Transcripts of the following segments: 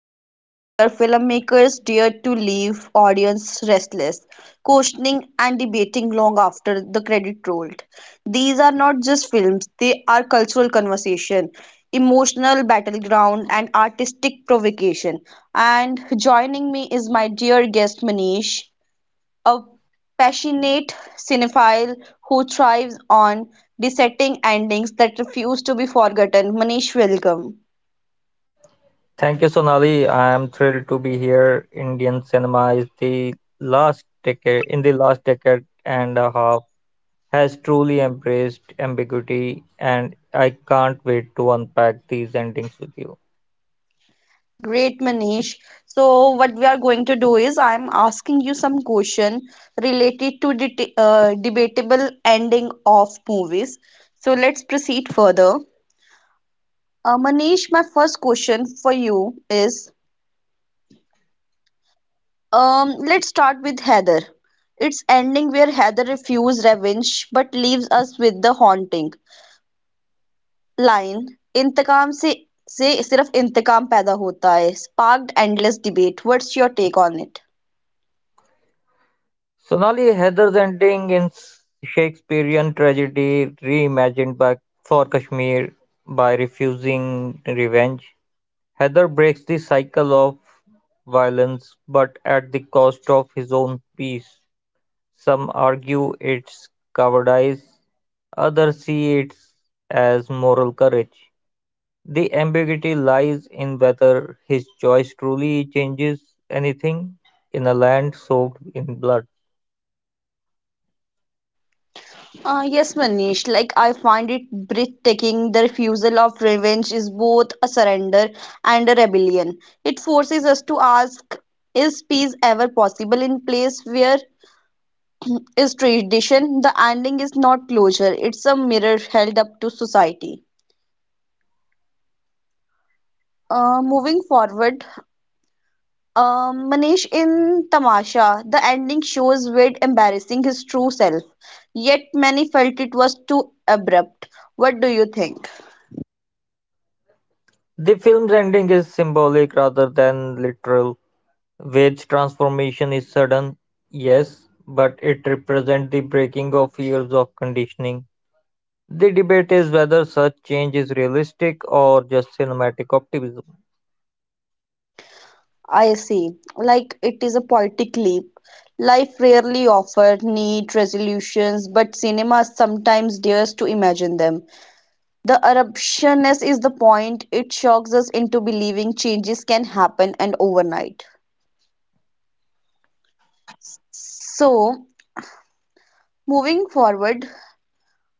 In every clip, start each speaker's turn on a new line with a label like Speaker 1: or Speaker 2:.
Speaker 1: a period where filmmakers dared to leave audience restless, questioning and debating long after the credit rolled. These are not just films; they are cultural conversation, emotional battleground, and artistic provocation. And joining me is my dear guest Manish. A passionate cinephile who thrives on dissecting endings that refuse to be forgotten. Manish, welcome.
Speaker 2: Thank you, Sonali. I am thrilled to be here. Indian cinema is the last decade and a half has truly embraced ambiguity, and I can't wait to unpack these endings with you.
Speaker 1: Great, Manish. So, what we are going to do is I'm asking you some question related to debatable ending of movies. So, let's proceed further. Manish, my first question for you is let's start with Heather. It's ending where Heather refuses revenge but leaves us with the haunting. Line 'इंतकाम से सिर्फ इंतकाम पैदा होता है' sparked endless debate. What's your take on it?
Speaker 2: Sonali, Heather's ending in Shakespearean tragedy reimagined by for Kashmir by refusing revenge. Heather breaks the cycle of violence, but at the cost of his own peace. Some argue it's cowardice, others see it as moral courage. The ambiguity lies in whether his choice truly changes anything in a land soaked in blood.
Speaker 1: Yes, Manish. Like, I find it breathtaking. The refusal of revenge is both a surrender and a rebellion. It forces us to ask, is peace ever possible in place where is tradition? The ending is not closure, it's a mirror held up to society. Moving forward, Manish, in "Tamasha", the ending shows Ved embarrassing his true self, yet many felt it was too abrupt. What do you think?
Speaker 2: The film's ending is symbolic rather than literal. Wade's transformation is sudden, yes, but it represents the breaking of years of conditioning. The debate is whether such change is realistic or just cinematic optimism.
Speaker 1: I see. Like it is a poetic leap. Life rarely offers neat resolutions, but cinema sometimes dares to imagine them. The eruptionness is the point. It shocks us into believing changes can happen and overnight. So, moving forward,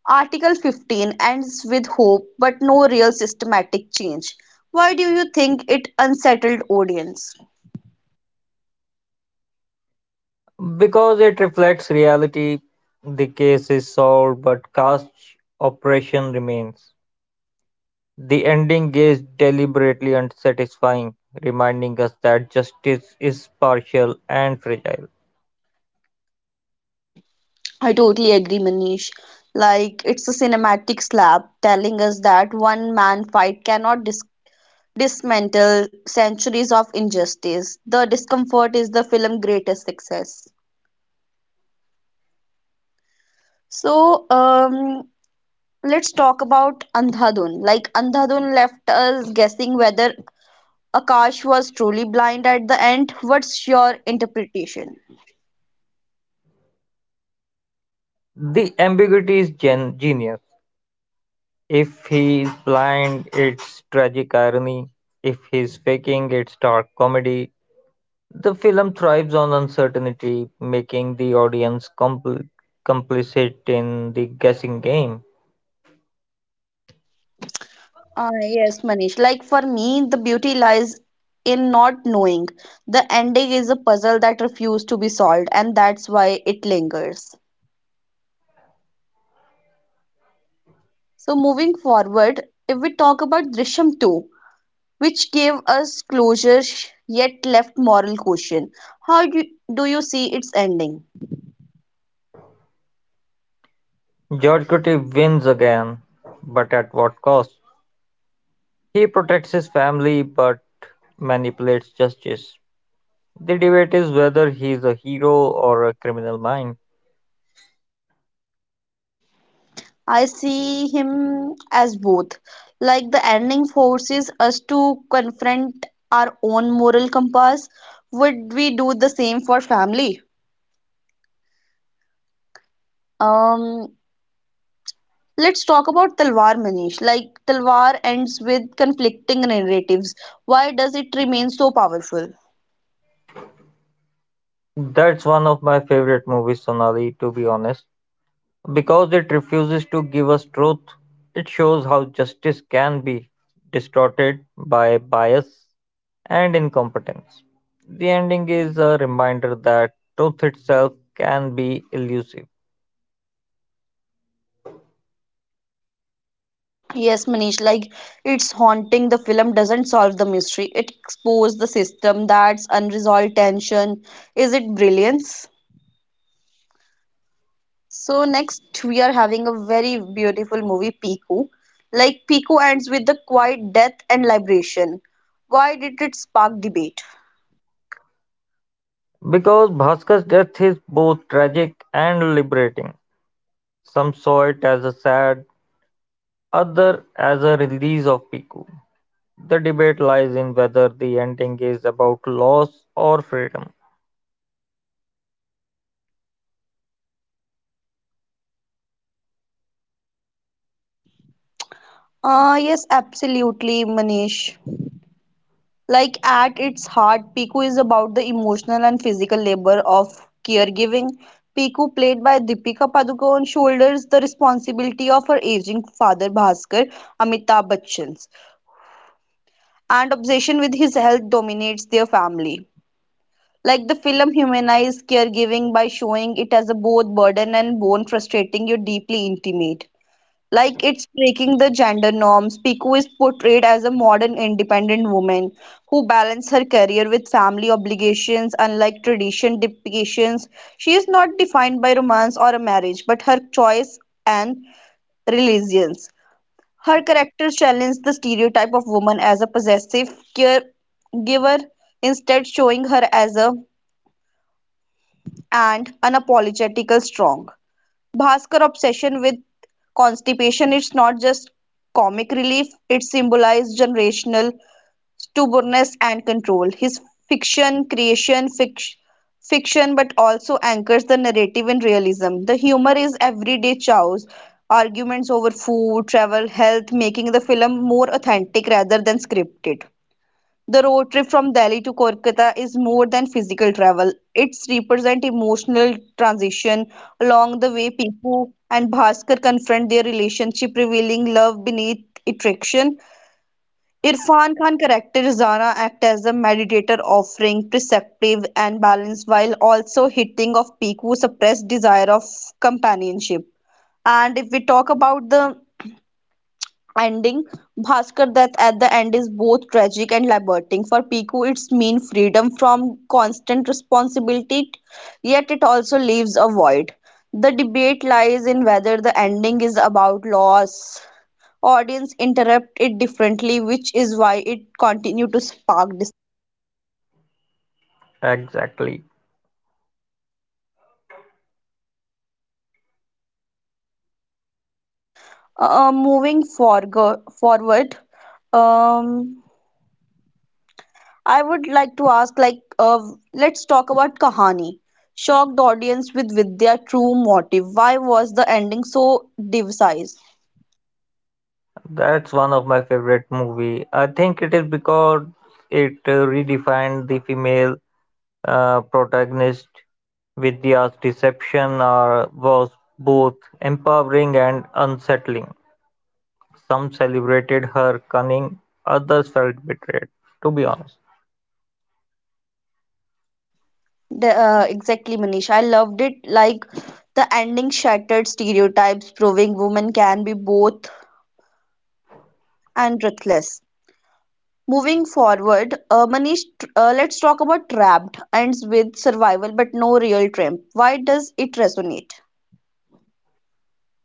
Speaker 1: Article 15 ends with hope but no real systematic change. Why do you think it unsettled audience?
Speaker 2: Because it reflects reality, the case is solved, but caste oppression remains. The ending is deliberately unsatisfying, reminding us that justice is partial and fragile.
Speaker 1: I totally agree, Manish. Like it's a cinematic slap telling us that one man fight cannot dismantle centuries of injustice. The discomfort is the film's greatest success. So, let's talk about Andhadhun. Like Andhadhun left us guessing whether Akash was truly blind at the end. What's your interpretation?
Speaker 2: The ambiguity is genius. If he is blind, it's tragic irony. If he's faking, it's dark comedy. The film thrives on uncertainty, making the audience complicit in the guessing game.
Speaker 1: Ah, yes, Manish. Like for me, the beauty lies in not knowing. The ending is a puzzle that refused to be solved, and that's why it lingers. So, moving forward, if we talk about Drishyam 2, which gave us closure yet left moral question, how do you see its ending?
Speaker 2: George Clooney wins again, but at what cost? He protects his family, but manipulates justice. The debate is whether he's a hero or a criminal mind.
Speaker 1: I see him as both. Like the ending forces us to confront our own moral compass. Would we do the same for family? Um, let's talk about Talwar, Manish. Like Talwar ends with conflicting narratives. Why does it remain so powerful?
Speaker 2: That's one of my favorite movies, Sonali, to be honest. Because it refuses to give us truth, it shows how justice can be distorted by bias and incompetence. The ending is a reminder that truth itself can be elusive.
Speaker 1: Yes, Manish, like it's haunting. The film doesn't solve the mystery, it exposes the system. That's unresolved tension. Is it brilliance? So next we are having a very beautiful movie, Piku. Like Piku ends with the quiet death and liberation. Why did it spark debate?
Speaker 2: Because Bhaskar's death is both tragic and liberating. Some saw it as a sad, other as a release of Piku. The debate lies in whether the ending is about loss or freedom.
Speaker 1: Ah yes, absolutely, Manish. Like at its heart, Piku is about the emotional and physical labor of caregiving. Piku, played by Deepika Padukone, shoulders the responsibility of her aging father Bhaskar, Amitabh Bachchan's, and obsession with his health dominates their family. Like the film humanized caregiving by showing it as a both burden and bone, frustrating yet deeply intimate. Like it's breaking the gender norms, Piku is portrayed as a modern independent woman who balances her career with family obligations. Unlike tradition depictions, she is not defined by romance or a marriage, but her choice and religions. Her characters challenge the stereotype of woman as a possessive caregiver, instead showing her as a and unapologetically strong. Bhaskar obsession with constipation is not just comic relief, it symbolizes generational stubbornness and control. His fiction creation fiction but also anchors the narrative in realism. The humor is everyday chows, arguments over food, travel, health, making the film more authentic rather than scripted. The road trip from Delhi to Kolkata is more than physical travel. It's represent emotional transition. Along the way, Piku and Bhaskar confront their relationship, revealing love beneath attraction. Irfan Khan character Zana act as a meditator, offering perspective and balance while also hitting of Piku's suppressed desire of companionship. And if we talk about the ending, Bhaskar death at the end is both tragic and liberating. For Piku, it's mean freedom from constant responsibility, yet it also leaves a void. The debate lies in whether the ending is about loss. Audience interpret it differently, which is why it continued to spark.
Speaker 2: Exactly.
Speaker 1: Moving forward, um, I would like to ask, like, let's talk about Kahani. Shocked audience with Vidya's true motive. Why was the ending so divisive?
Speaker 2: That's one of my favorite movie. I think it is because it redefined the female protagonist with the deception or was both empowering and unsettling. Some celebrated her cunning, others felt betrayed, to be honest.
Speaker 1: Exactly, Manish. I loved it. Like, the ending shattered stereotypes, proving women can be both and ruthless. Moving forward, Manish, let's talk about Trapped. Ends with survival, but no real triumph. Why does it resonate?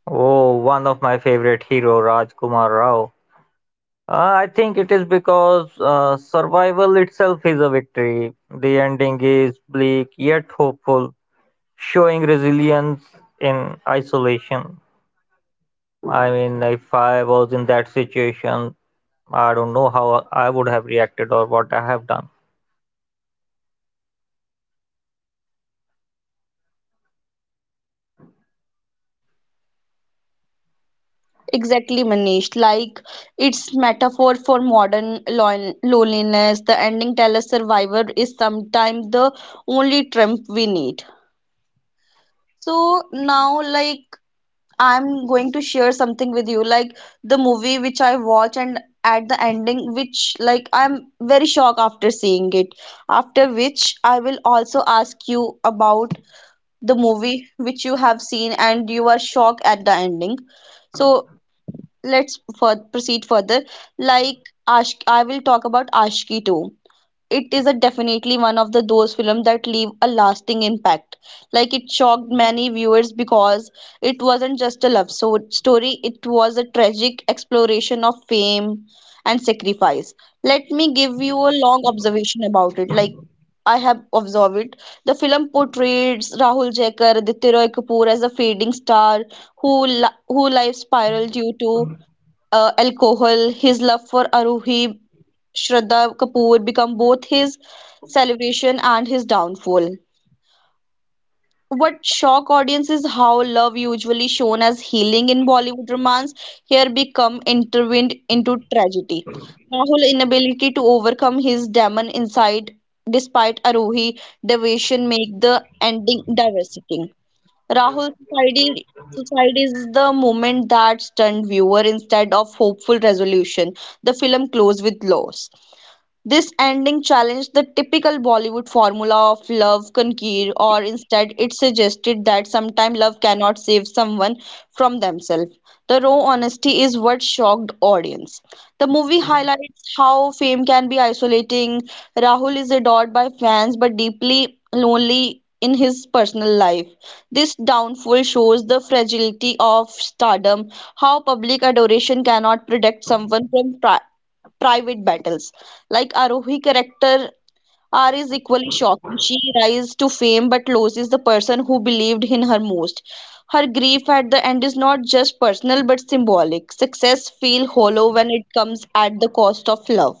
Speaker 2: Oh, one of my favorite hero, Rajkumar Rao. I think it is because survival itself is a victory. The ending is bleak yet hopeful, showing resilience in isolation. I mean, if I was in that situation, I don't know how I would have reacted or what I have done.
Speaker 1: Exactly, Manish. Like it's metaphor for modern loneliness. The ending tell us survivor is sometimes the only trump we need. So now, like, I'm going to share something with you, like the movie which I watch and at the ending, which like I'm very shocked after seeing it. After which I will also ask you about the movie which you have seen and you are shocked at the ending. So let's proceed further. Like I will talk about Ashki too. It is a definitely one of the those films that leave a lasting impact. Like it shocked many viewers because it wasn't just a love so story; it was a tragic exploration of fame and sacrifice. Let me give you a long observation about it. Like I have observed it. The film portrays Rahul Jaikar, Aditya Roy Kapoor, as a fading star who who life spiral due to alcohol, his love for Aruhi, Shraddha Kapoor, become both his celebration and his downfall. What shocked audience is how love, usually shown as healing in Bollywood romance, here become intertwined into tragedy. Rahul's inability to overcome his demon inside, despite Aruhi devotion, make the ending devastating. Rahul, society is the moment that stunned viewer instead of hopeful resolution. The film closed with loss. This ending challenged the typical Bollywood formula of love conquer, or instead, it suggested that sometimes love cannot save someone from themselves. The raw honesty is what shocked audience. The movie highlights how fame can be isolating. Rahul is adored by fans but deeply lonely in his personal life. This downfall shows the fragility of stardom, how public adoration cannot protect someone from private battles. Like Arohi character, R is equally shocking. She rises to fame but loses the person who believed in her most. Her grief at the end is not just personal but symbolic. Success feels hollow when it comes at the cost of love.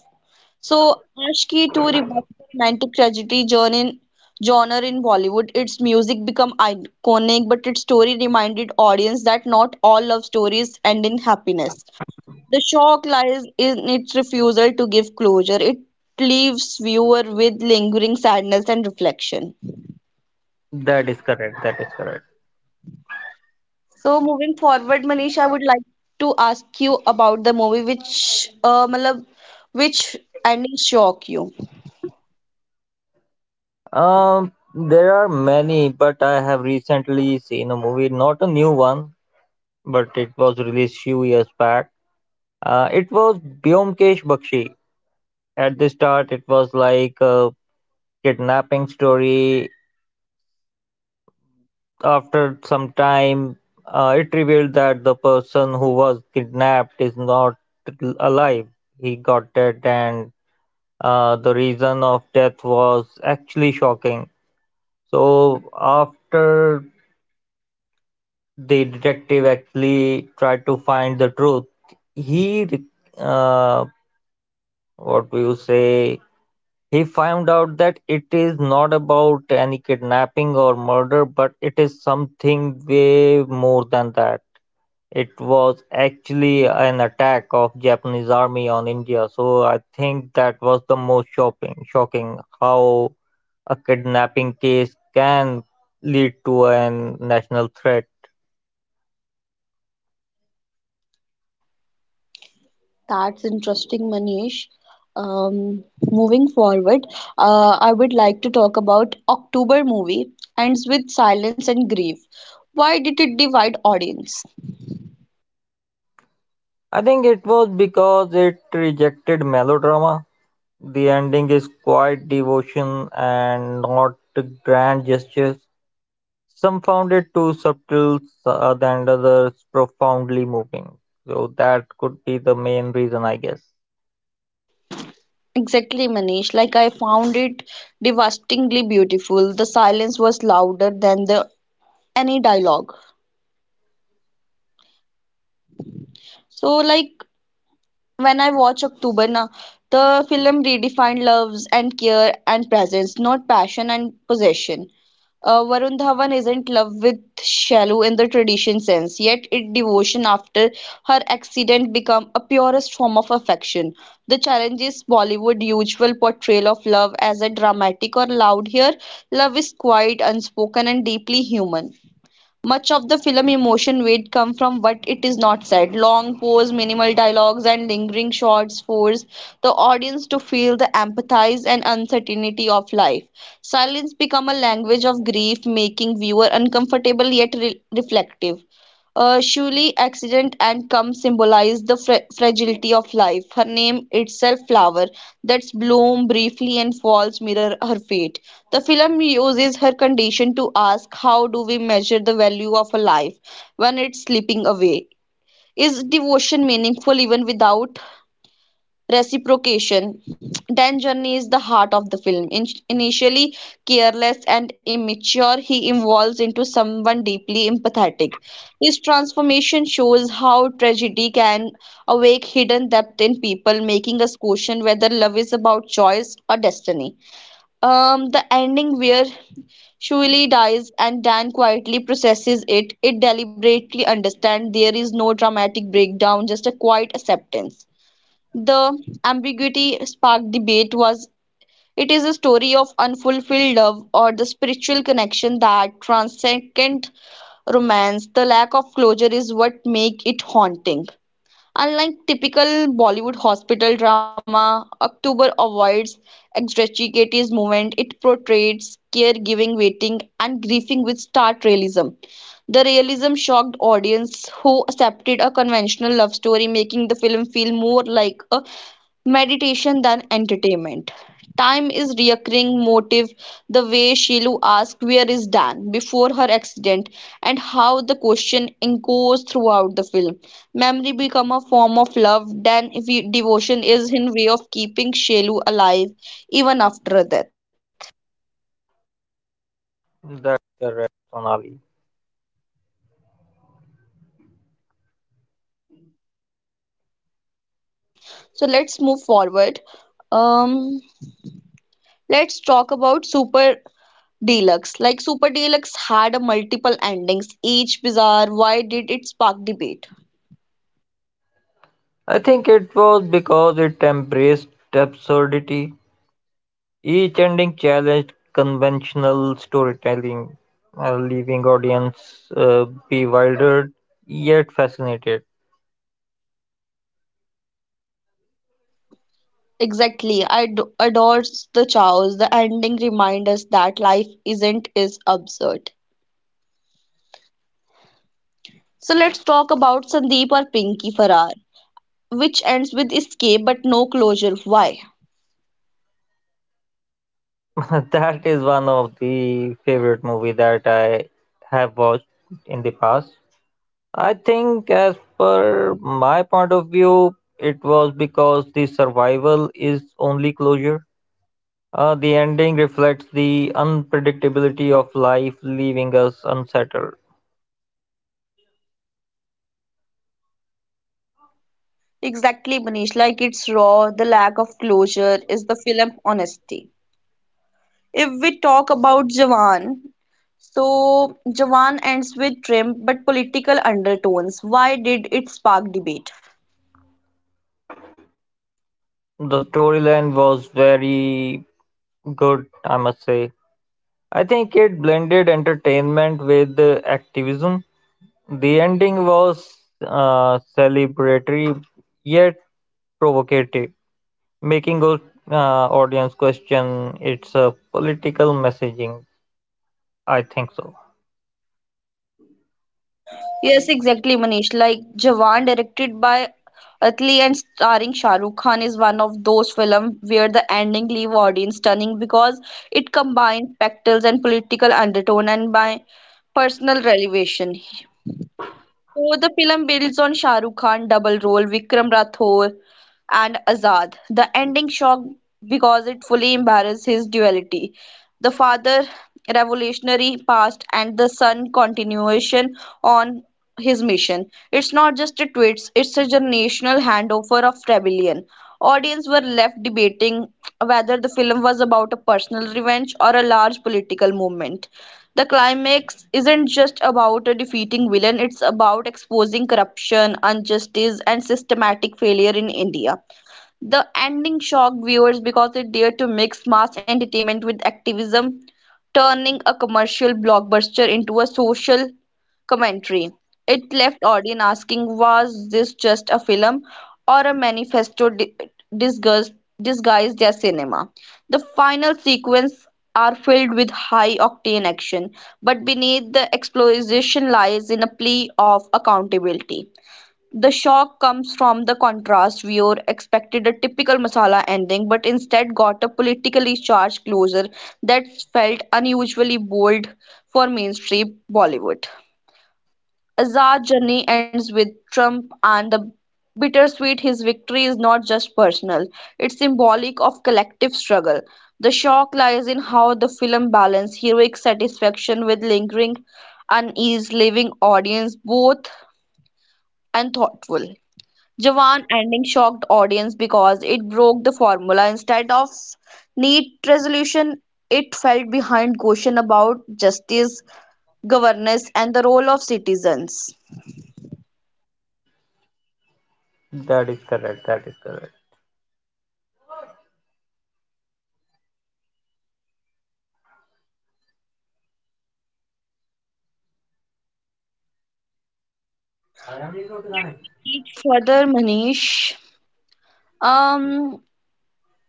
Speaker 1: So Ashki too revived the romantic tragedy genre in Bollywood. Its music become iconic, but its story reminded audience that not all love stories end in happiness. The shock lies in its refusal to give closure. It leaves viewer with lingering sadness and reflection.
Speaker 2: That is correct. That is correct.
Speaker 1: So moving forward, Manish, I would like to ask you about the movie which matlab, which ending shock you.
Speaker 2: There are many, but I have recently seen a movie, not a new one, but it was released few years back. It was Byomkesh Bakshi. At the start, it was like a kidnapping story after some time, it revealed that the person who was kidnapped is not alive. He got dead, and the reason of death was actually shocking. So, after the detective actually tried to find the truth, he, re- uh, what do you say, he found out that it is not about any kidnapping or murder, but it is something way more than that. It was actually an attack of Japanese army on India, so I think that was the most shocking how a kidnapping case can lead to a national threat.
Speaker 1: That's interesting, Manish. Um, Moving forward, I would like to talk about October movie ends with silence and grief. Why did it divide audience?
Speaker 2: I think it was because it rejected melodrama. The ending is quiet devotion and not grand gestures. Some found it too subtle, and others profoundly moving. So that could be the main reason, I guess.
Speaker 1: Exactly, Manish. Like I found it devastatingly beautiful. The silence was louder than the any dialogue. So like when I watch October now, the film redefined loves and care and presence, not passion and possession. Varun Dhawan isn't love with shallow in the tradition sense, yet it devotion after her accident become a purest form of affection. The challenge is Bollywood usual portrayal of love as a dramatic or loud here. Love is quiet, unspoken, and deeply human. Much of the film emotion weight come from what it is not said: long pause, minimal dialogues, and lingering shots force the audience to feel the empathize and uncertainty of life. Silence becomes a language of grief, making viewer uncomfortable yet reflective. A surely accident and come symbolize the fra fragility of life, her name itself flower that's bloom briefly and falls mirror her fate. The film uses her condition to ask, how do we measure the value of a life when it's slipping away? Is devotion meaningful even without reciprocation. Dan Journey is the heart of the film. Initially careless and immature, he evolves into someone deeply empathetic. His transformation shows how tragedy can awake hidden depth in people, making us question whether love is about choice or destiny. The ending where Shuli dies and Dan quietly processes it, it deliberately understands there is no dramatic breakdown, just a quiet acceptance. The ambiguity sparked debate, was it is a story of unfulfilled love or the spiritual connection that transcends romance? The lack of closure is what make it haunting. Unlike typical Bollywood hospital drama, October avoids extracurricular movement. It portrays caregiving, waiting, and grieving with stark realism. The realism shocked audience who accepted a conventional love story, making the film feel more like a meditation than entertainment. Time is recurring motive the way Shilu asks where is Dan before her accident and how the question echoes throughout the film. Memory become a form of love. Dan devotion is in way of keeping Shilu alive even after her death. So let's move forward. Um, let's talk about Super Deluxe. Like Super Deluxe had a multiple endings, each bizarre. Why did it spark debate?
Speaker 2: I think it was because it embraced absurdity, each ending challenged conventional storytelling, leaving audience bewildered yet fascinated.
Speaker 1: Exactly. I adores the chaos. The ending reminds us that life isn't is absurd. So let's talk about Sandeep or Pinky Farrar, which ends with escape but no closure. Why?
Speaker 2: That is one of the favorite movie that I have watched in the past. I think, as per my point of view, it was because the survival is only closure. The ending reflects the unpredictability of life, leaving us unsettled.
Speaker 1: Exactly, Manish. Like it's raw. The lack of closure is the film honesty. If we talk about Jawan, so Jawan ends with trim but political undertones. Why did it spark debate?
Speaker 2: The storyline was very good, I must say. I think it blended entertainment with activism. The ending was celebratory yet provocative, making us uh, audience question its political messaging. I think so.
Speaker 1: Yes, exactly, Manish. Like Jawan, directed by Atli and starring Shah Rukh Khan, is one of those films where the ending leave audience stunning because it combines spectacles and political undertone and by personal revelation. So the film builds on Shah Rukh Khan double role Vikram Rathore and Azad. The ending shocked because it fully embarrassed his duality. The father revolutionary past and the son continuation on his mission. It's not just a twist, it's a generational handover of rebellion. Audience were left debating whether the film was about a personal revenge or a large political movement. The climax isn't just about a defeating villain, it's about exposing corruption, injustice and systematic failure in India. The ending shocked viewers because it dared to mix mass entertainment with activism, turning a commercial blockbuster into a social commentary. It left audience asking, was this just a film or a manifesto disguised, disguised as cinema? The final sequence are filled with high octane action, but beneath the explosion lies in a plea of accountability. The shock comes from the contrast: viewer expected a typical masala ending, but instead got a politically charged closure that felt unusually bold for mainstream Bollywood. Azad's journey ends with Trump and the bittersweet his victory is not just personal, it's symbolic of collective struggle. The shock lies in how the film balances heroic satisfaction with lingering unease, leaving audience both and thoughtful. Jawan ending shocked audience because it broke the formula; instead of neat resolution, it felt behind question about justice, governance, and the role of citizens.
Speaker 2: That is correct. That is correct.
Speaker 1: Further, Manish, um,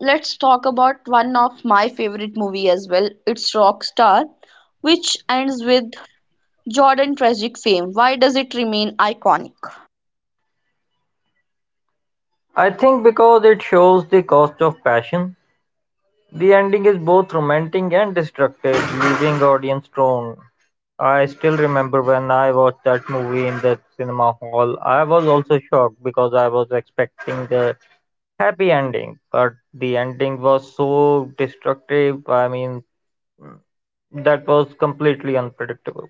Speaker 1: let's talk about one of my favorite movie as well. It's Rockstar, which ends with Jordan tragic fame. Why does it remain iconic?
Speaker 2: I think because it shows the cost of passion. The ending is both romantic and destructive, leaving audience torn. I still remember when I watched that movie in the cinema hall. I was also shocked because I was expecting the happy ending, but the ending was so destructive. I mean, that was completely unpredictable.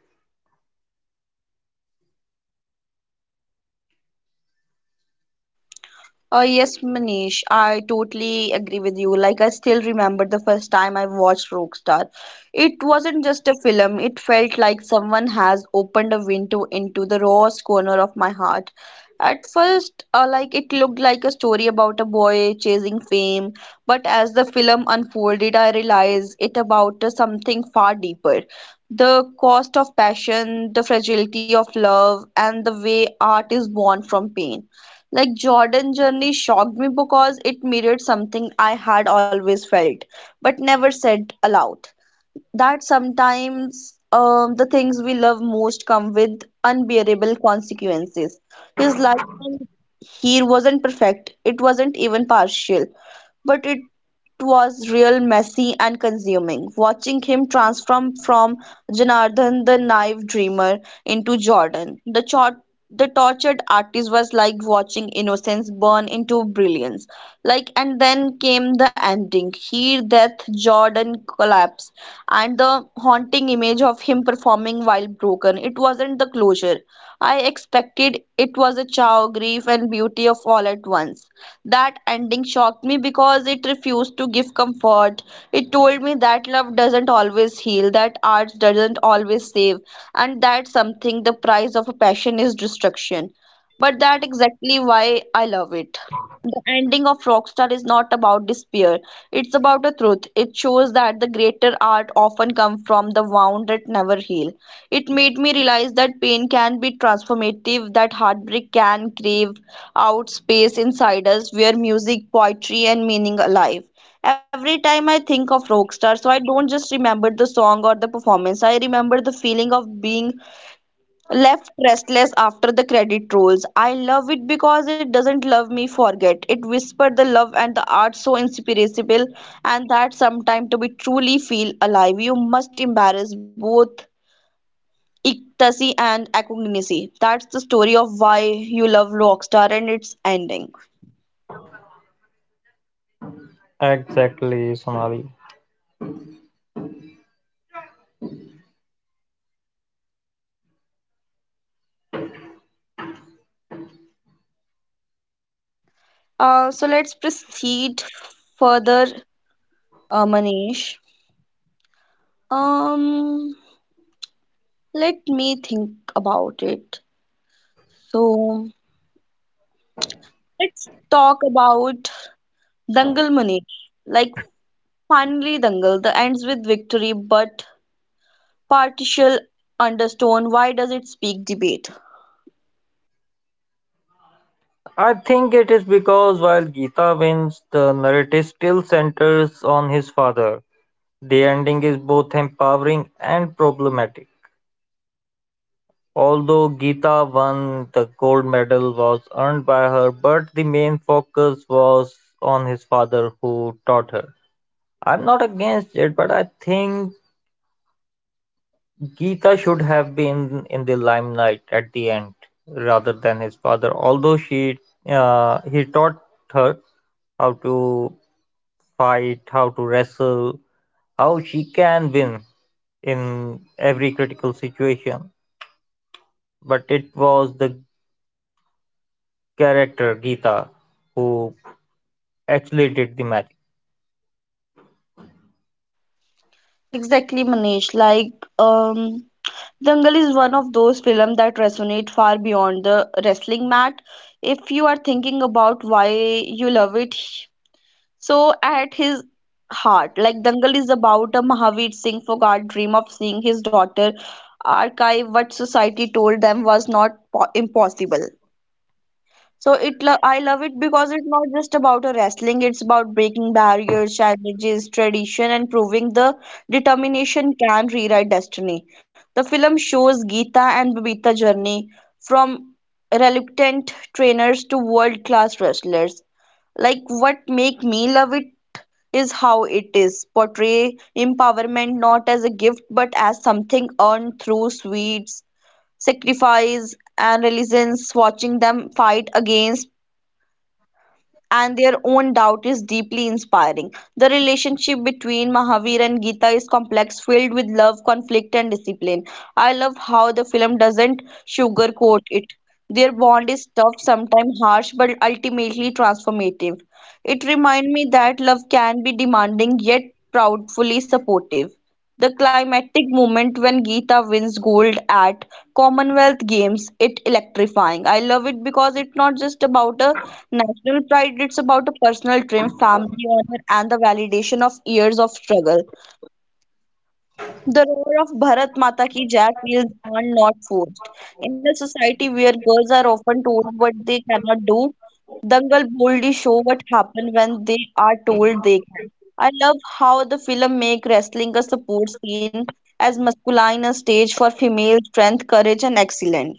Speaker 1: Yes, Manish, I totally agree with you. Like, I still remember the first time I watched Rockstar. It wasn't just a film, it felt like someone has opened a window into the rawest corner of my heart. At first, like, it looked like a story about a boy chasing fame, but as the film unfolded, I realized it about something far deeper. The cost of passion, the fragility of love, and the way art is born from pain. Like Jordan Journey shocked me because it mirrored something I had always felt, but never said aloud that sometimes the things we love most come with unbearable consequences. His life here wasn't perfect, it wasn't even partial, but it was real messy and consuming. Watching him transform from Janardhan the naive dreamer into Jordan, the tortured artist was like watching innocence burn into brilliance. Like and then came the ending. Here death, Jordan collapse, and the haunting image of him performing while broken. It wasn't the closure. I expected it was a chow, grief, and beauty of all at once. That ending shocked me because it refused to give comfort. It told me that love doesn't always heal, that art doesn't always save, and that something the price of a passion is destruction. But that exactly why I love it the ending of Rockstar is not about despair. It's about the truth. It shows that the greater art often comes from the wound that never heal. It made me realize that pain can be transformative, that heartbreak can crave out space inside us where music, poetry, and meaning alive. Every time I think of Rockstar, so I don't just remember the song or the performance, I remember the feeling of being left restless after the credit rolls. I love it because it doesn't love me forget. It whispered the love and the art so inspirable and that sometime to be truly feel alive you must embarrass both ecstasy and acognition. That's the story of why you love Rockstar and its ending.
Speaker 2: Exactly, Sonali.
Speaker 1: So let's proceed further, Manish. Um, Let me think about it. So let's talk about Dangal Munish. Like finally Dangal, the ends with victory but partial undertone. Why does it speak debate?
Speaker 2: I think it is because while Gita wins, the narrative still centers on his father. The ending is both empowering and problematic. Although Geeta won, the gold medal was earned by her, but the main focus was on his father who taught her. I'm not against it, but I think Geeta should have been in the limelight at the end rather than his father. Although she, he taught her how to fight, how to wrestle, how she can win in every critical situation. But it was the character Geeta who actually did the magic.
Speaker 1: Exactly, Manish. Like, um, Dangal is one of those films that resonate far beyond the wrestling mat. If you are thinking about why you love it, so at his heart, like Dangal is about a Mahavir Singh Fogart dream of seeing his daughter archive what society told them was not impossible. So I love it because it's not just about a wrestling, it's about breaking barriers, challenges, tradition, and proving the determination can rewrite destiny. The film shows Geeta and Babita journey from reluctant trainers to world-class wrestlers. Like what make me love it is how it is. Portray empowerment not as a gift but as something earned through sweets, sacrifice, and resilience. Watching them fight against and their own doubt is deeply inspiring. The relationship between Mahavir and Geeta is complex, filled with love, conflict, and discipline. I love how the film doesn't sugarcoat it. Their bond is tough, sometimes harsh, but ultimately transformative. It reminds me that love can be demanding yet proudly supportive. The climactic moment when Geeta wins gold at Commonwealth Games, it electrifying. I love it because it's not just about a national pride, it's about a personal triumph, family honor, and the validation of years of struggle. The roar of Bharat Mata Ki Jai feels earned, not forced. In a society where girls are often told what they cannot do, Dangal boldly show what happen when they are told they can. I love how the film make wrestling a support scene as masculine a stage for female strength, courage, and excellence.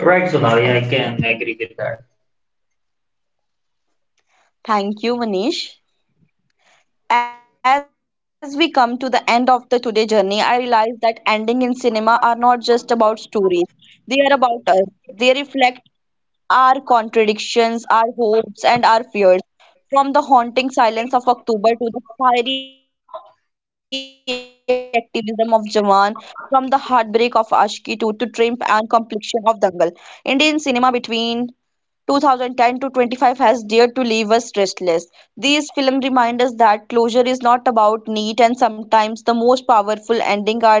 Speaker 2: Right, Sonali, I can agree with that.
Speaker 1: Thank you, Manish. As we come to the end of the today journey, I realize that ending in cinema are not just about stories. They are about us. They reflect our contradictions, our hopes, and our fears. From the haunting silence of October to the fiery activism of Jawan, from the heartbreak of Ashki to Tramp and complexion of Dangal, Indian cinema between 2010 to 25 has dared to leave us restless. These films remind us that closure is not about neat, and sometimes the most powerful ending are the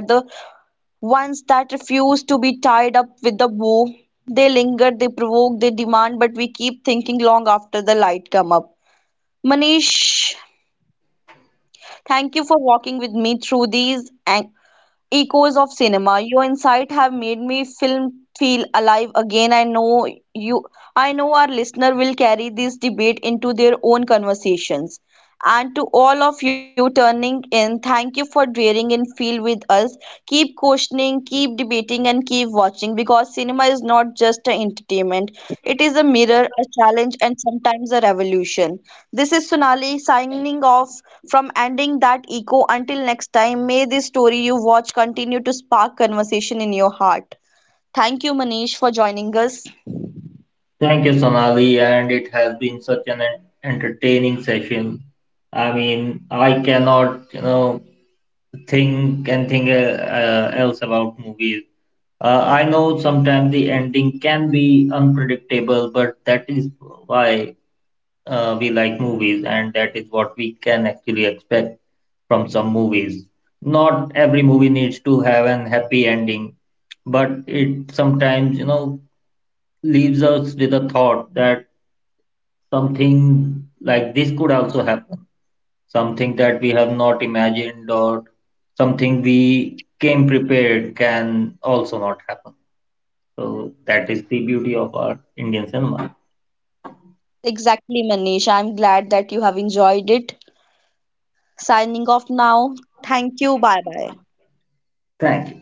Speaker 1: ones that refuse to be tied up with the bow. They linger, they provoke, they demand, but we keep thinking long after the light come up. Manish, thank you for walking with me through these echoes of cinema. Your insight have made me film feel alive again. You I know our listener will carry this debate into their own conversations. And to all of you turning in, thank you for daring in feel with us. Keep questioning, keep debating, and keep watching because cinema is not just an entertainment. It is a mirror, a challenge, and sometimes a revolution. This is Sonali signing off from ending that echo. Until next time, may this story you watch continue to spark conversation in your heart. Thank you, Manish, for joining us.
Speaker 2: Thank you, Sonali, and it has been such an entertaining session. I mean, I cannot, you know, think else about movies. I know sometimes the ending can be unpredictable, but that is why we like movies, and that is what we can actually expect from some movies. Not every movie needs to have an happy ending, but it sometimes, you know, leaves us with a thought that something like this could also happen, something that we have not imagined or something we came prepared can also not happen. So that is the beauty of our Indian cinema.
Speaker 1: Exactly, Manish. I'm glad that you have enjoyed it. Signing off now. Thank you. Bye bye.
Speaker 2: Thank you.